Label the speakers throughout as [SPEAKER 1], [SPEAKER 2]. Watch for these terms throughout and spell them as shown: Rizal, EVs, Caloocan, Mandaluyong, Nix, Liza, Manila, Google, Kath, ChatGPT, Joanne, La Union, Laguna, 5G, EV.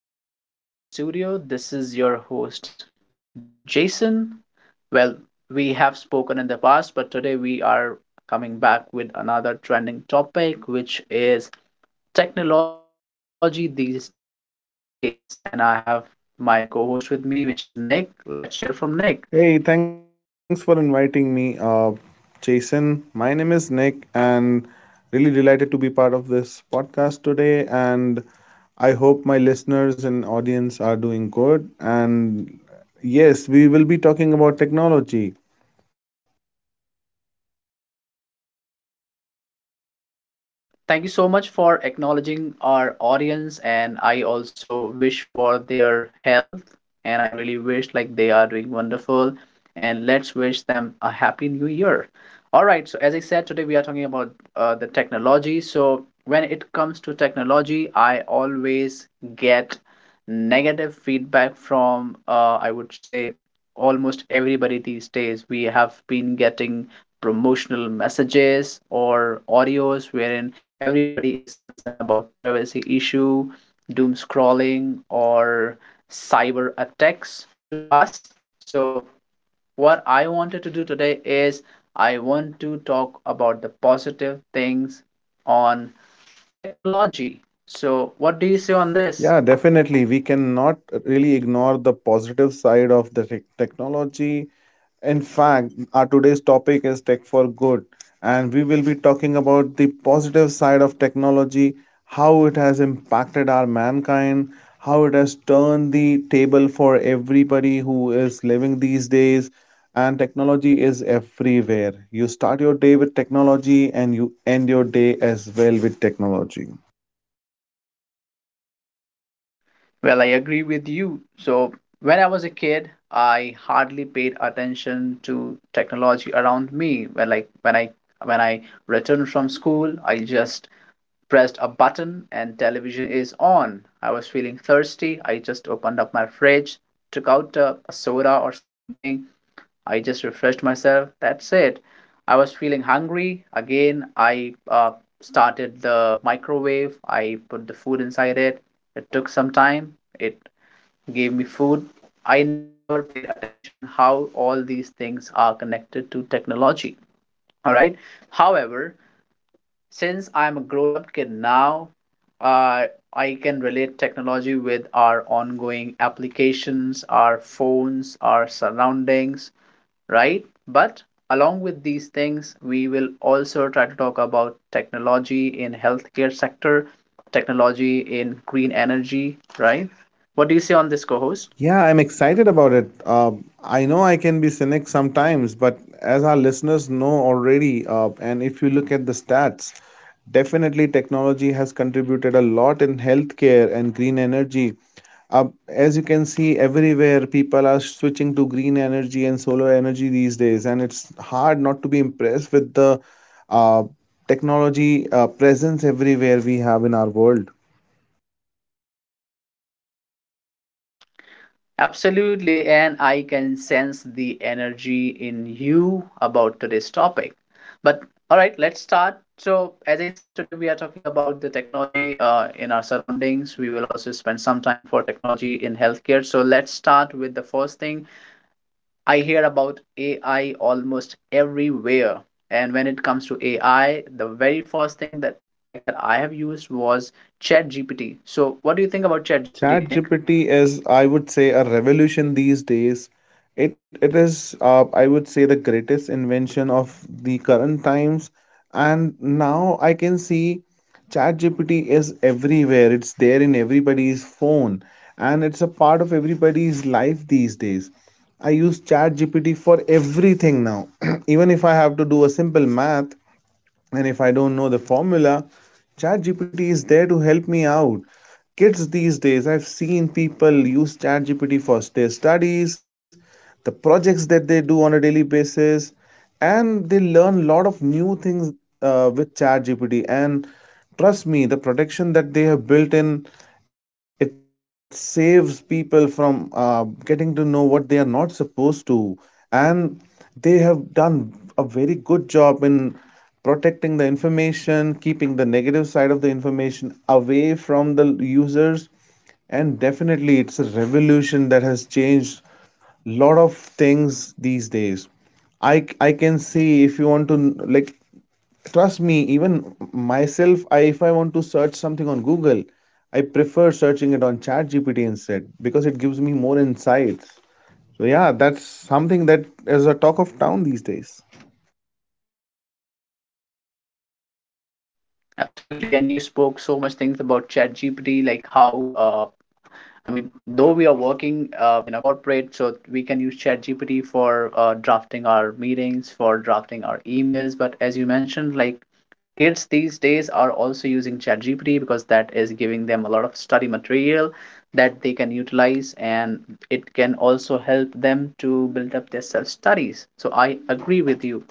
[SPEAKER 1] everyone. Welcome back to the studio. This is your host, Jason. Well, we have spoken in the past, but today we are coming back with another trending topic, which is technology these days. And I have my co host with me, which is Nick. Let's hear from Nick.
[SPEAKER 2] Hey, thanks for inviting me, Jason. My name is Nick, and really delighted to be part of this podcast today. And I hope my listeners and audience are doing good. And yes, we will be talking about technology.
[SPEAKER 1] Wonderful. So, thank you so much for acknowledging our audience. And I also wish for their health. And I really wish like they are doing wonderful. And let's wish them a happy new year. All right. So, as I said, today we are talking about the technology. So, when it comes to technology, I always get negative feedback from, I would say, almost everybody these days. We have been getting promotional messages or audios wherein everybody is concerned about privacy issue, doom scrolling, or cyber attacks to us. So what I wanted to do today is I want to talk about the positive things on technology. So what do you say on this?
[SPEAKER 2] Yeah, definitely. We cannot really ignore the positive side of the technology. In fact, our today's topic is tech for good, and we will be talking about the positive side of technology, how it has impacted our mankind, how it has turned the table for everybody who is living these days. And technology is everywhere. You start your day with technology, and you end your day as well with technology.
[SPEAKER 1] Well, I agree with you. So, when I was a kid, I hardly paid attention to technology around me. When I returned from school, I just pressed a button and television is on. I was feeling thirsty. I just opened up my fridge, took out a soda or something. I just refreshed myself. That's it. I was feeling hungry. Again, I started the microwave. I put the food inside it. It took some time. It gave me food. I never paid attention how all these things are connected to technology. All right. However, since I'm a grown up kid now, uh, I can relate technology with our ongoing applications, our phones, our surroundings, right? But along with these things, we will also try to talk about technology in healthcare sector, technology in green energy, right? What do you say on this, co-host?
[SPEAKER 2] Yeah, I'm excited about it. I know I can be cynic sometimes, but as our listeners know already, and if you look at the stats, definitely technology has contributed a lot in healthcare and green energy. As you can see, everywhere people are switching to green energy and solar energy these days, and it's hard not to be impressed with the uh, technology presence everywhere we have in our world.
[SPEAKER 1] Absolutely, and I can sense the energy in you about today's topic. But all right, let's start. So, as I said, today we are talking about the technology in our surroundings. We will also spend some time for technology in healthcare. So, let's start with the first thing. I hear about AI almost everywhere. And when it comes to AI, the very first thing that tech that I have used was ChatGPT. So, what do you think about ChatGPT, Nick?
[SPEAKER 2] ChatGPT is, I would say, a revolution these days. It is, I would say, the greatest invention of the current times. And now I can see ChatGPT is everywhere. It's there in everybody's phone, and it's a part of everybody's life these days. I use ChatGPT for everything now. Even if I have to do a simple math, and if I don't know the formula, ChatGPT is there to help me out. Kids these days, I've seen people use ChatGPT for their studies, the projects that they do on a daily basis, and they learn a lot of new things with ChatGPT. And trust me, the protection that they have built in, it saves people from getting to know what they are not supposed to. And they have done a very good job in protecting the information, keeping the negative side of the information away from the users, and definitely it's a revolution that has changed a lot of things these days. I can see if you want to like trust me even myself I if I want to search something on Google, I prefer searching it on ChatGPT instead because it gives me more insights. So yeah, that's something that is a talk of town these days.
[SPEAKER 1] Absolutely, and you spoke so much things about ChatGPT, like how, I mean, though we are working in a corporate, so we can use ChatGPT for drafting our meetings, for drafting our emails. But as you mentioned, like kids these days are also using ChatGPT because that is giving them a lot of study material that they can utilize, and it can also help them to build up their self studies. So I agree with you.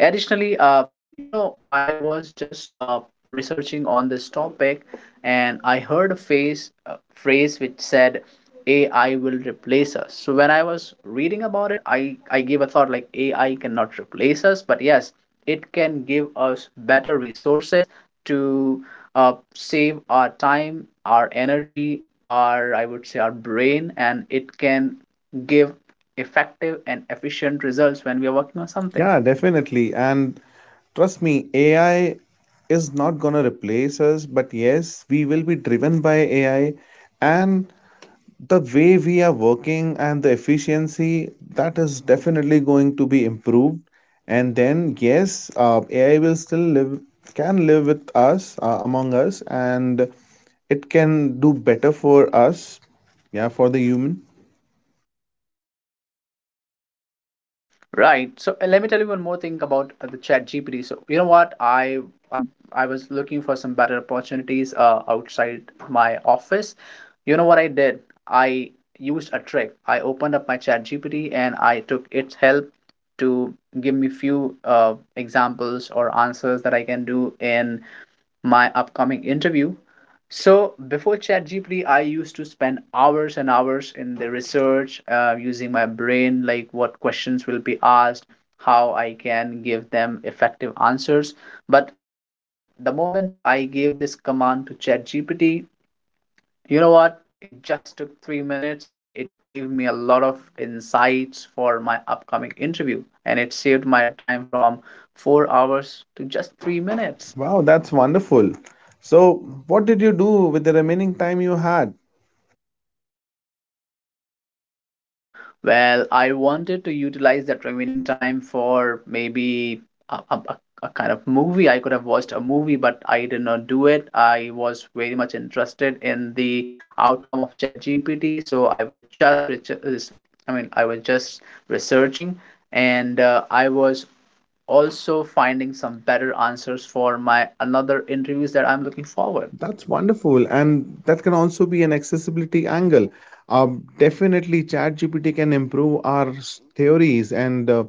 [SPEAKER 1] Additionally, I was just researching on this topic and I heard a phrase which said AI will replace us. So when I was reading about it, I gave a thought like AI cannot replace us, but yes, it can give us better resources to, save our time, our energy, our, I would say, our brain, and it can give effective and efficient results when we are working on something.
[SPEAKER 2] Yeah, definitely. And trust me, AI is not going to replace us, but yes, we will be driven by AI. And the way we are working and the efficiency, that is definitely going to be improved. And then, yes, AI will still live, can live with us, among us, and it can do better for us, yeah, for the human.
[SPEAKER 1] Right. So let me tell you one more thing about the Chat GPT. So you know what? I I'm I was looking for some better opportunities outside my office. You know what I did? I used a trick. I opened up my Chat GPT and I took its help to give me few examples or answers that I can do in my upcoming interview. So before ChatGPT, I used to spend hours and hours in the research, using my brain, like what questions will be asked, how I can give them effective answers. But the moment I gave this command to ChatGPT, you know what? It just took 3 minutes and it gave me a lot of insights for my upcoming interview. And it saved my time from 4 hours to just 3 minutes.
[SPEAKER 2] Wow, that's wonderful. So, what did you do with the remaining time you had?
[SPEAKER 1] Well, I wanted to utilize that remaining time for maybe a, a, a a kind of movie. I could have watched a movie, but I did not do it. I was very much interested in the outcome of ChatGPT, so I was just researching, and I was also finding some better answers for my another interviews that I'm looking forward.
[SPEAKER 2] That's wonderful, and that can also be an accessibility angle. Definitely, ChatGPT can improve our theories and uh,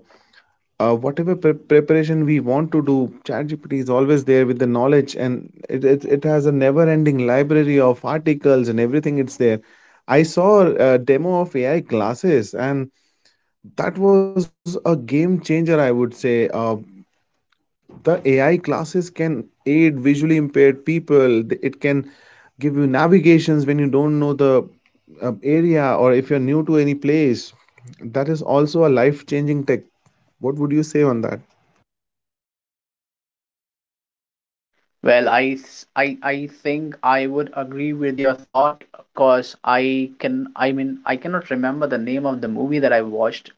[SPEAKER 2] uh, whatever preparation we want to do. ChatGPT is always there with the knowledge, and it has a never-ending library of articles and everything. It's there. I saw a demo of AI classes, and that was a game changer, I would say. The AI classes can aid visually impaired people. It can give you navigations when you don't know the area or if you're new to any place. That is also a life changing tech. What would you say on that?
[SPEAKER 1] Well, I think I would agree with your thought because I cannot remember the name of the movie that I watched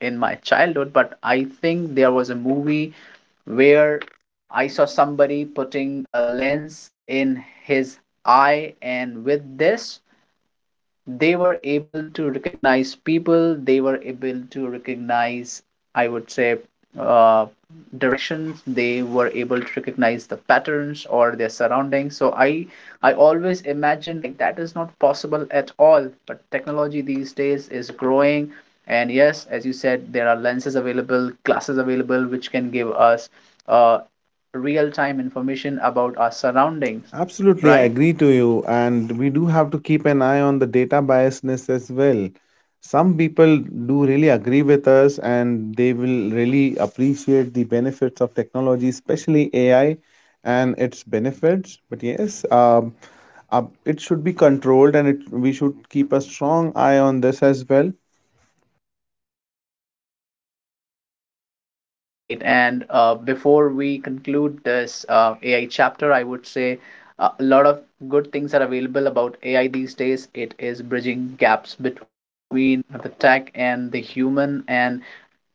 [SPEAKER 1] in my childhood, but I think there was a movie where I saw somebody putting a lens in his eye, and with this, they were able to recognize people, they were able to recognize, I would say, uh, directions, they were able to recognize the patterns or their surroundings. So I always imagined like that is not possible at all, but technology these days is growing. And yes, as you said, there are lenses available, glasses available, which can give us uh, real time information about our surroundings,
[SPEAKER 2] Absolutely, I
[SPEAKER 1] right?
[SPEAKER 2] agree to you. And we do have to keep an eye on the data biasness as well. Some people do really agree with us and they will really appreciate the benefits of technology, especially AI and its benefits. But yes, it should be controlled and we should keep a strong eye on this as well.
[SPEAKER 1] Right. And before we conclude this AI chapter, I would say a lot of good things are available about AI these days. It is bridging gaps between the tech and the human. And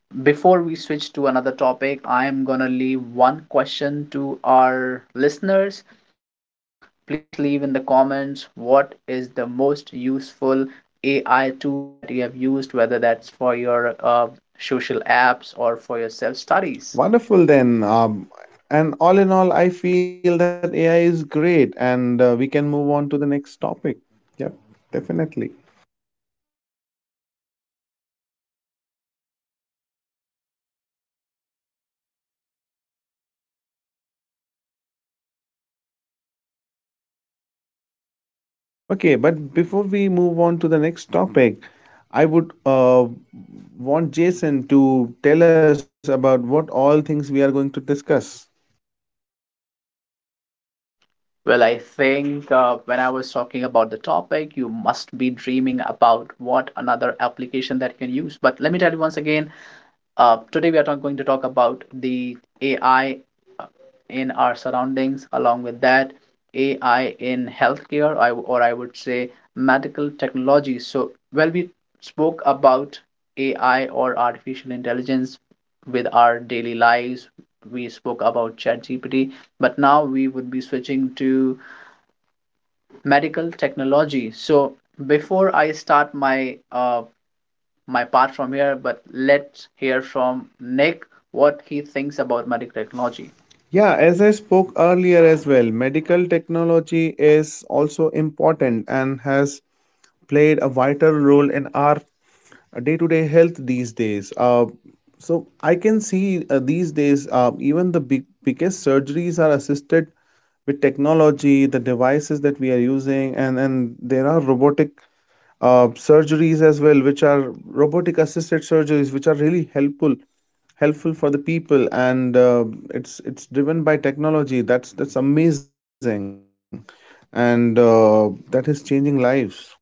[SPEAKER 1] before we switch to another topic, I am going to leave one question to our listeners. Please leave in the comments what is the most useful AI tool that you have used, whether that's for your social apps or for your self studies.
[SPEAKER 2] Wonderful then. And all in all, I feel that AI is great and we can move on to the next topic. Yep, definitely. Okay, but before we move on to the next topic, I would want Jason to tell us about what all things we are going to discuss.
[SPEAKER 1] Well, I think when I was talking about the topic, you must be dreaming about what another application that you can use. But let me tell you once again, today, we are going to talk about the AI, uh, in our surroundings, along with that, AI in healthcare, I would say medical technology. So, well, we spoke about AI or artificial intelligence with our daily lives. We spoke about ChatGPT, but now we would be switching to medical technology. So, before I start my my part from here, but let's hear from Nick what he thinks about medical technology.
[SPEAKER 2] Yeah, as I spoke earlier as well, medical technology is also important and has played a vital role in our day to day health these days. So I can see these days even the biggest surgeries are assisted with technology, the devices that we are using, and there are robotic surgeries as well, which are robotic assisted surgeries, which are really helpful for the people, and it's driven by technology. That's amazing, and that is changing lives.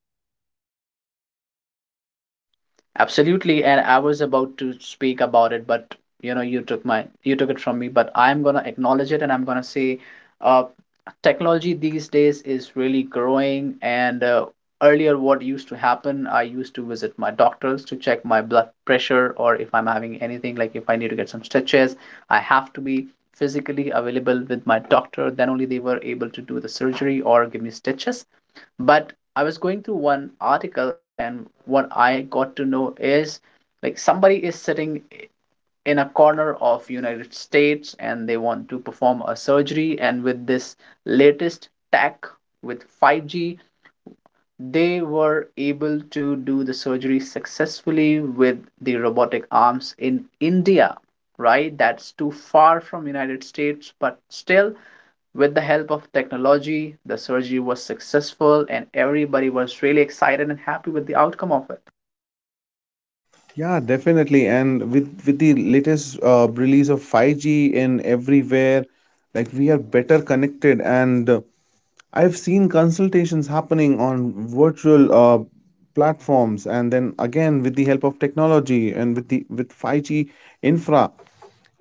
[SPEAKER 1] Absolutely, and I was about to speak about it, but you know, you took it from me. But I'm gonna acknowledge it, and I'm gonna say, uh, technology these days is really growing. And earlier, what used to happen, I used to visit my doctors to check my blood pressure or if I'm having anything, like if I need to get some stitches, I have to be physically available with my doctor. Then only they were able to do the surgery or give me stitches. But I was going through one article and what I got to know is like somebody is sitting in a corner of United States and they want to perform a surgery, and with this latest tech with 5G they were able to do the surgery successfully with the robotic arms in India. Right, that's too far from United States, but still with the help of technology, the surgery was successful and everybody was really excited and happy with the outcome of it.
[SPEAKER 2] Yeah, definitely. And with the latest release of 5G in everywhere, like we are better connected. And I've seen consultations happening on virtual platforms, and then again with the help of technology and with 5G infra,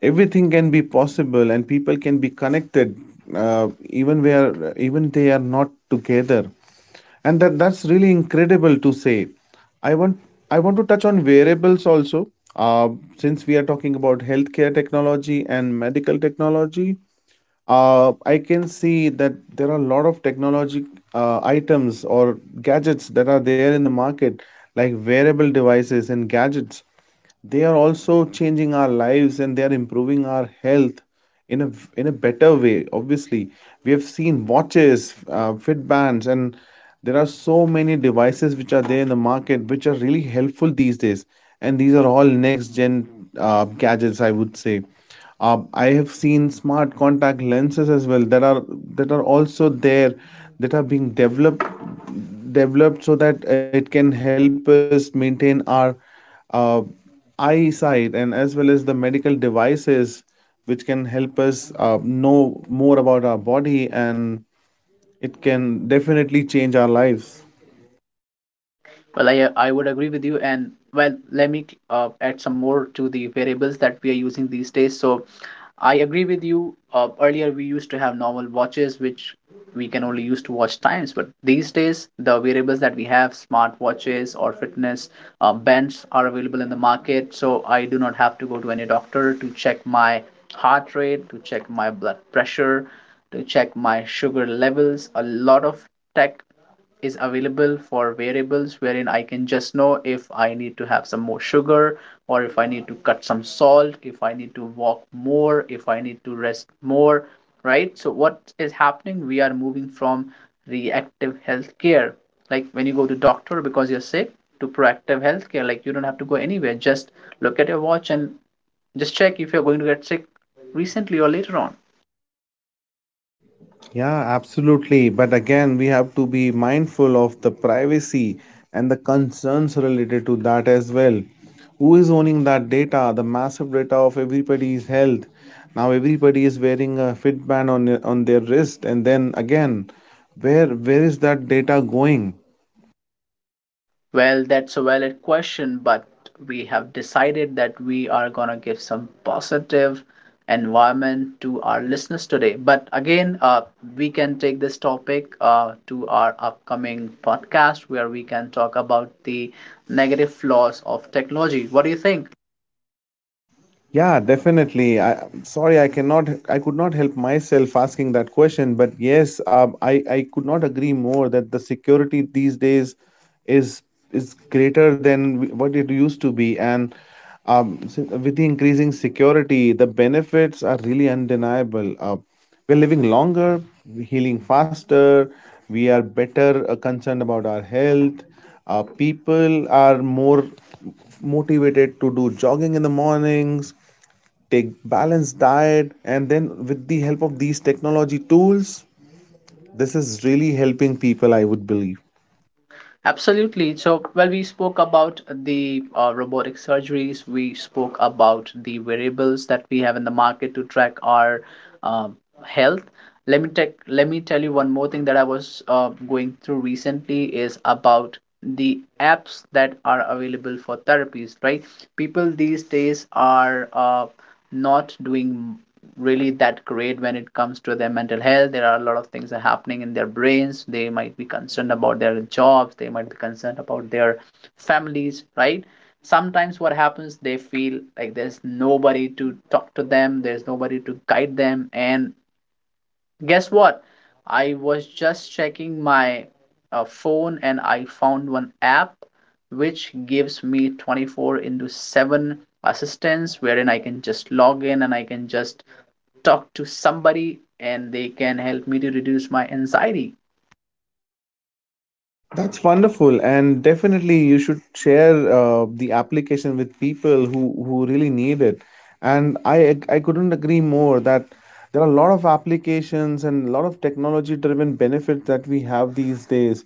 [SPEAKER 2] everything can be possible, and people can be connected even where even they are not together, and that's really incredible to say. I want i want to touch on variables also. uh, since we are talking about healthcare technology and medical technology, I can see that there are a lot of technology items or gadgets that are there in the market, like wearable devices and gadgets. They are also changing our lives and they are improving our health in a in a better way. Obviously, we have seen watches, fit bands, and there are so many devices which are there in the market which are really helpful these days, and these are all next gen gadgets, I would say. I have seen smart contact lenses as well that are also there, that are being developed so that it can help us maintain our uh, eyesight, and as well as the medical devices which can help us know more about our body, and it can definitely change our lives.
[SPEAKER 1] Well, I would agree with you, and well, let me add some more to the variables that we are using these days. So, I agree with you. Earlier, we used to have normal watches, which we can only use to watch times. But these days, the variables that we have, smart watches or fitness bands, are available in the market. So I do not have to go to any doctor to check my heart rate, to check my blood pressure, to check my sugar levels. A lot of tech is available for variables wherein I can just know if I need to have some more sugar or if I need to cut some salt, if I need to walk more, if I need to rest more, right? So, what is happening? We are moving from reactive healthcare, like when you go to doctor because you're sick, to proactive healthcare. Like you don't have to go anywhere. Just look at your watch and just check if you're going to get sick recently or later on.
[SPEAKER 2] Yeah, absolutely, but again we have to be mindful of the privacy and the concerns related to that as well. Who is owning that data, the massive data of everybody's health? Now everybody is wearing a fitband on their wrist, and then again, where is that data going?
[SPEAKER 1] Well, that's a valid question, but we have decided that we are going to give some positive environment to our listeners today. But again, we can take this topic to our upcoming podcast where we can talk about the negative flaws of technology. What do you think?
[SPEAKER 2] Yeah, definitely. I'm sorry, I could not help myself asking that question, but yes, I could not agree more that the security these days is greater than what it used to be, and with the increasing security, the benefits are really undeniable. We're living longer, we're healing faster, we are better concerned about our health. People are more motivated to do jogging in the mornings, take balanced diet, and then with the help of these technology tools, this is really helping people, I would believe.
[SPEAKER 1] Absolutely. So, well, we spoke about the robotic surgeries. We spoke about the variables that we have in the market to track our um health. Let me tell you one more thing that I was going through recently is about the apps that are available for therapies. Right, people these days are not doing really that great when it comes to their mental health. There are a lot of things that are happening in their brains. They might be concerned about their jobs, they might be concerned about their families, right? Sometimes what happens, they feel like there's nobody to talk to them, there's nobody to guide them. And guess what? I was just checking my phone and I found one app which gives me 24 into 7 assistance, wherein I can just log in and I can just talk to somebody and they can help me to reduce my anxiety.
[SPEAKER 2] That's wonderful, and definitely you should share the application with people who really need it. And I couldn't agree more that there are a lot of applications and a lot of technology driven benefits that we have these days.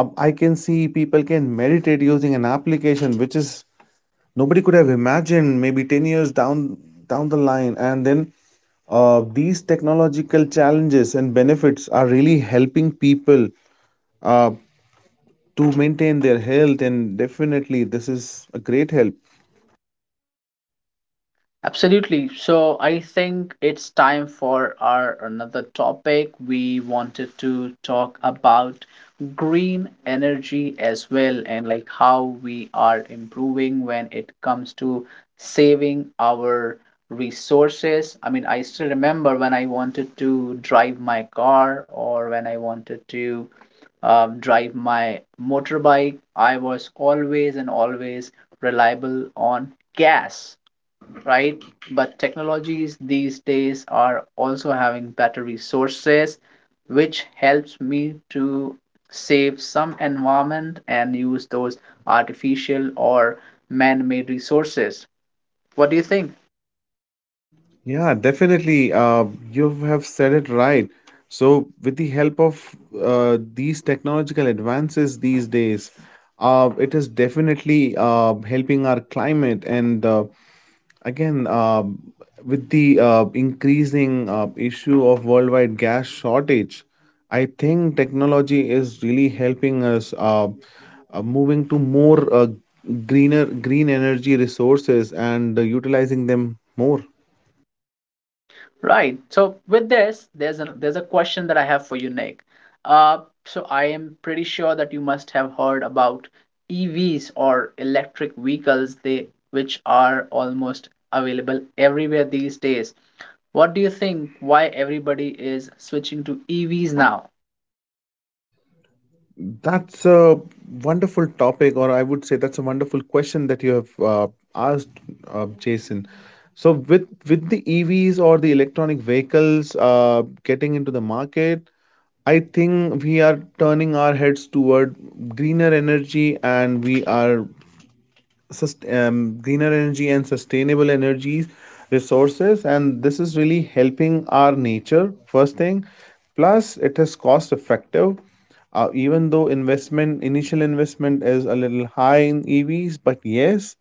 [SPEAKER 2] I can see people can meditate using an application, which is nobody could have imagined maybe 10 years down the line. And then these technological challenges and benefits are really helping people uh, to maintain their health, and definitely this is a great help.
[SPEAKER 1] Absolutely. So I think it's time for our another topic. We wanted to talk about green energy as well, and like how we are improving when it comes to saving our resources. I mean, I still remember when I wanted to drive my car or when I wanted to drive my motorbike, I was always and always reliable on gas, right? But technologies these days are also having better resources, which helps me to save some environment and use those artificial or man-made resources. What do you think?
[SPEAKER 2] Yeah, definitely. You have said it right. So with the help of these technological advances these days, it is definitely helping our climate. And Again, um with the increasing issue of worldwide gas shortage, I think technology is really helping us moving to more green energy resources and utilizing them more.
[SPEAKER 1] Right. So with this, there's a question that I have for you, Nick. Uh, so I am pretty sure that you must have heard about EVs or electric vehicles, they which are almost available everywhere these days. What do you think, why everybody is switching to EVs now?
[SPEAKER 2] That's a wonderful topic, or I would say that's a wonderful question that you have asked, Jason. So with the EVs or the electronic vehicles getting into the market, I think we are turning our heads toward greener energy, and we are sust- greener energy and sustainable energy resources, and this is really helping our nature, first thing. Plus, it is cost effective. Even though investment initial investment is a little high in EVs, but yes,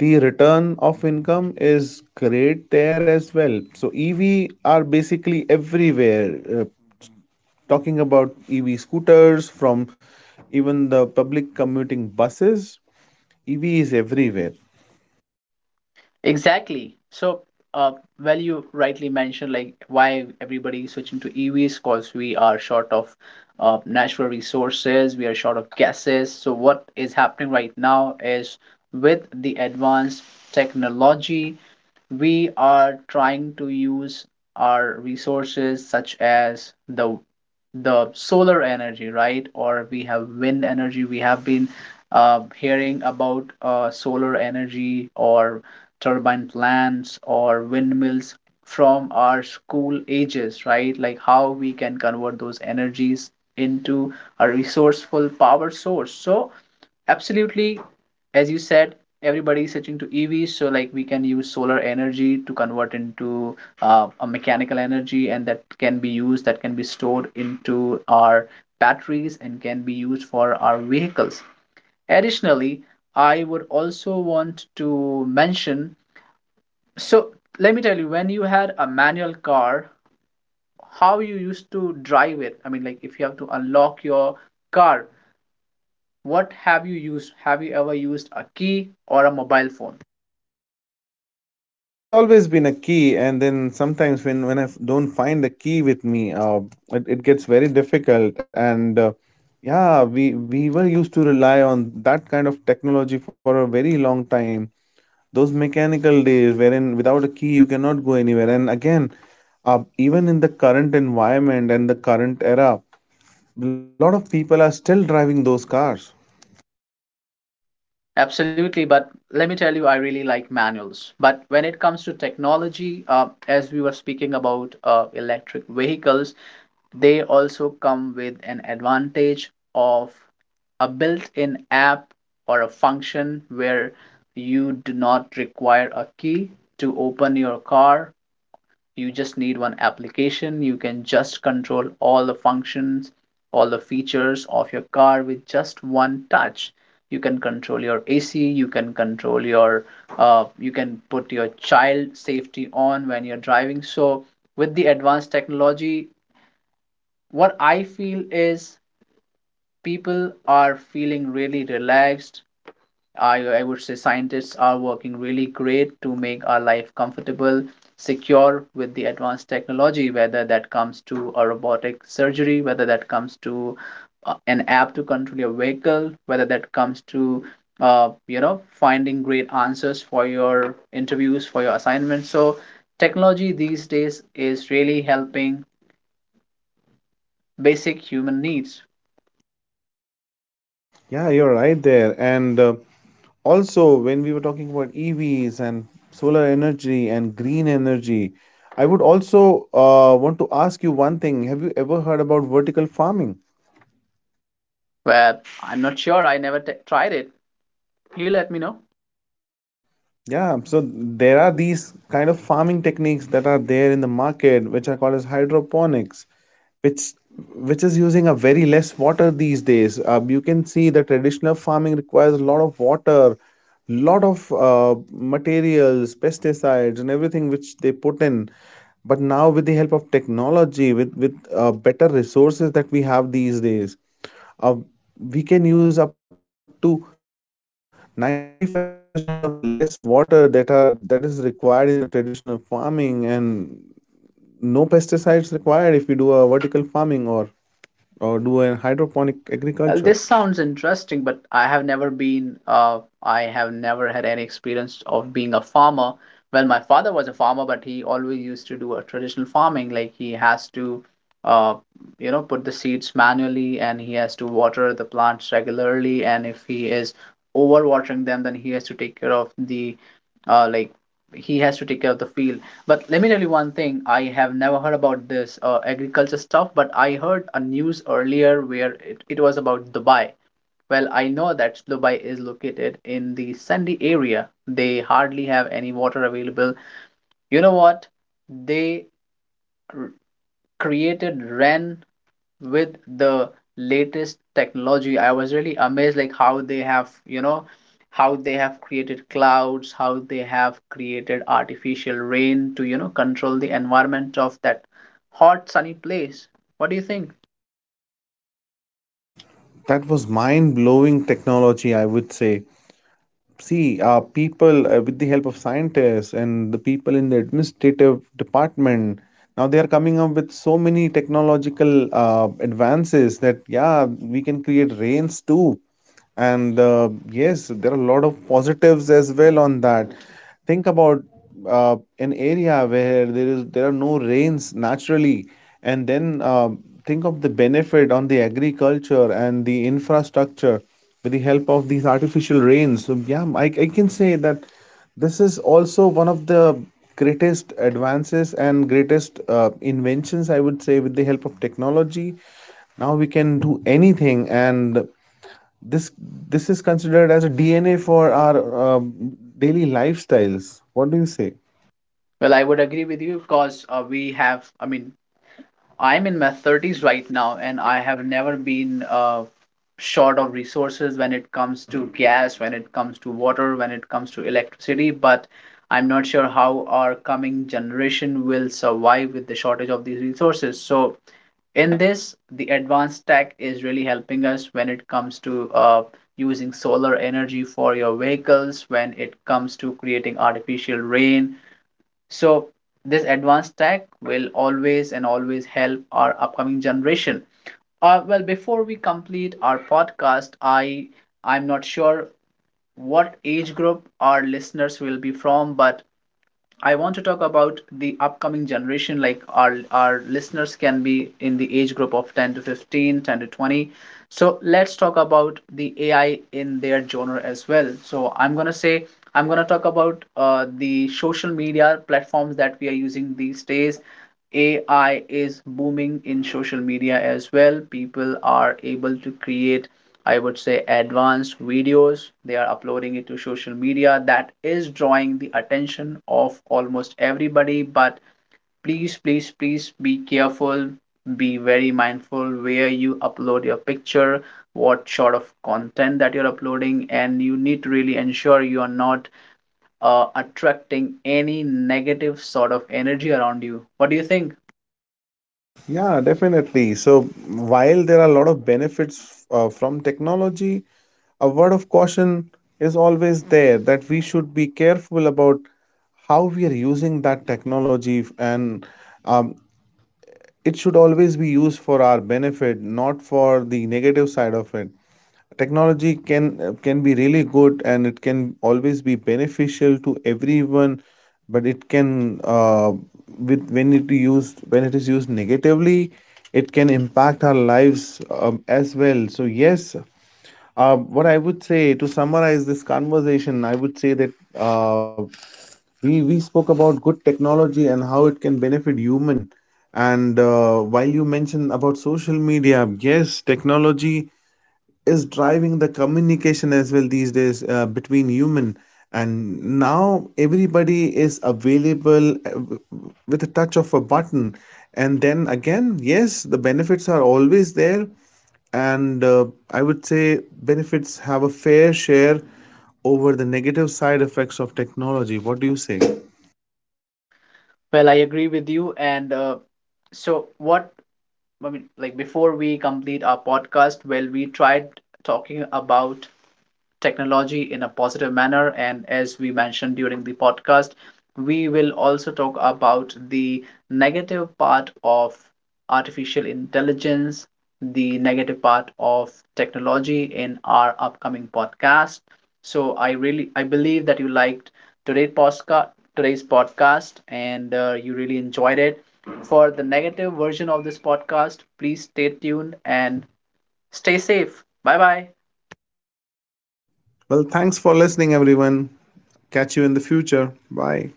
[SPEAKER 2] the return of income is great there as well. So EV are basically everywhere. Talking about EV scooters from even the public commuting buses, EV is everywhere.
[SPEAKER 1] Exactly. So, uh, well, you rightly mentioned like why everybody is switching to EVs because we are short of natural resources, we are short of gases. So, what is happening right now is with the advanced technology we are trying to use our resources such as the solar energy, right? Or we have wind energy. We have been hearing about solar energy or turbine plants or windmills from our school ages, right? Like how we can convert those energies into a resourceful power source. So absolutely, as you said, everybody is switching to EVs, so like we can use solar energy to convert into a mechanical energy, and that can be used, that can be stored into our batteries and can be used for our vehicles. Additionally, I would also want to mention, so let me tell you, when you had a manual car, how you used to drive it. I mean, like if you have to unlock your car, what have you used? Have you ever used a key or a mobile phone?
[SPEAKER 2] It's always been a key, and then sometimes when I don't find the key with me, it gets very difficult. And yeah, we were used to rely on that kind of technology for a very long time. Those mechanical days, wherein without a key you cannot go anywhere. And again, even in the current environment and the current era, a lot of people are still driving those cars.
[SPEAKER 1] Absolutely, but let me tell you, I really like manuals. But when it comes to technology, as we were speaking about electric vehicles, they also come with an advantage of a built-in app or a function where you do not require a key to open your car. You just need one application. You can just control all the functions, all the features of your car with just one touch. You can control your ac, you can control your you can put your child safety on when you're driving. So with the advanced technology, what I feel is people are feeling really relaxed. I would say scientists are working really great to make our life comfortable, secure with the advanced technology, whether that comes to a robotic surgery, whether that comes to an app to control your vehicle, whether that comes to finding great answers for your interviews, for your assignments. So technology these days is really helping basic human needs.
[SPEAKER 2] Yeah, you're right there, and. Also, when we were talking about EVs and solar energy and green energy, I would also want to ask you one thing. Have you ever heard about vertical farming?
[SPEAKER 1] Well, I'm not sure, I never tried it. You let me know.
[SPEAKER 2] Yeah, so there are these kind of farming techniques that are there in the market, which are called as hydroponics, which which is using a very less water these days. You can see the traditional farming requires a lot of water, lot of materials, pesticides, and everything which they put in. But now with the help of technology, with better resources that we have these days, uh, we can use up to 95% of the less water that are that is required in the traditional farming, and no pesticides required if we do a vertical farming or do a hydroponic agriculture.
[SPEAKER 1] Well, this sounds interesting, but I have never been, I have never had any experience of being a farmer. Well, my father was a farmer, but he always used to do a traditional farming. Like he has to, uh, put the seeds manually, and he has to water the plants regularly. And if he is overwatering them, then he has to take care of the uh, like he has to take care of the field. But let me tell you one thing, I have never heard about this agriculture stuff, but I heard a news earlier where it was about Dubai. Well, I know that Dubai is located in the sandy area. They hardly have any water available. You know what, they created rain with the latest technology. I was really amazed, like how they have, you know, how they have created clouds, how they have created artificial rain to, you know, control the environment of that hot sunny place. What do you think?
[SPEAKER 2] That was mind blowing technology, I would say. See, people with the help of scientists and the people in the administrative department, now they are coming up with so many technological advances that, yeah, we can create rains too. And yes, there are a lot of positives as well on that. Think about an area where there are no rains naturally, and then think of the benefit on the agriculture and the infrastructure with the help of these artificial rains. So, yeah, I can say that this is also one of the greatest advances and greatest inventions, I would say, with the help of technology. Now we can do anything, and this this is considered as a DNA for our uh, daily lifestyles. What do you say?
[SPEAKER 1] Well, I would agree with you, because we have, I mean, I'm in my 30s right now, and I have never been short of resources when it comes to gas, when it comes to water, when it comes to electricity. But I'm not sure how our coming generation will survive with the shortage of these resources. So, in this, the advanced tech is really helping us when it comes to using solar energy for your vehicles, when it comes to creating artificial rain. So this advanced tech will always and always help our upcoming generation. Well, before we complete our podcast, I'm not sure what age group our listeners will be from, but I want to talk about the upcoming generation. Like our listeners can be in the age group of 10 to 15, 10 to 20. So let's talk about the AI in their genre as well. So I'm gonna talk about the social media platforms that we are using these days. AI is booming in social media as well. People are able to create, I would say, advanced videos. They are uploading it to social media. That is drawing the attention of almost everybody. But please, please, please be careful. Be very mindful where you upload your picture, what sort of content that you're uploading, and you need to really ensure you are not attracting any negative sort of energy around you. What do you think?
[SPEAKER 2] Yeah, definitely. So while there are a lot of benefits from technology, a word of caution is always there that we should be careful about how we are using that technology f- and um, it should always be used for our benefit, not for the negative side of it. Technology can be really good, and it can always be beneficial to everyone, but it can with when it is used negatively, it can impact our lives as well. So yes, what I would say to summarize this conversation, I would say that we spoke about good technology and how it can benefit human. And while you mentioned about social media, yes, technology is driving the communication as well these days between human, and now everybody is available with a touch of a button. And then again, yes, the benefits are always there, and I would say benefits have a fair share over the negative side effects of technology. What do you say?
[SPEAKER 1] Well, I agree with you. And so, what I mean, like before we complete our podcast, well, we tried talking about technology in a positive manner. And as we mentioned during the podcast, we will also talk about the negative part of artificial intelligence, the negative part of technology in our upcoming podcast. So I believe that you liked today's podcast today's podcast, and you really enjoyed it. For the negative version of this podcast, please stay tuned and stay safe. Bye bye.
[SPEAKER 2] Well, thanks for listening, everyone. Catch you in the future. Bye.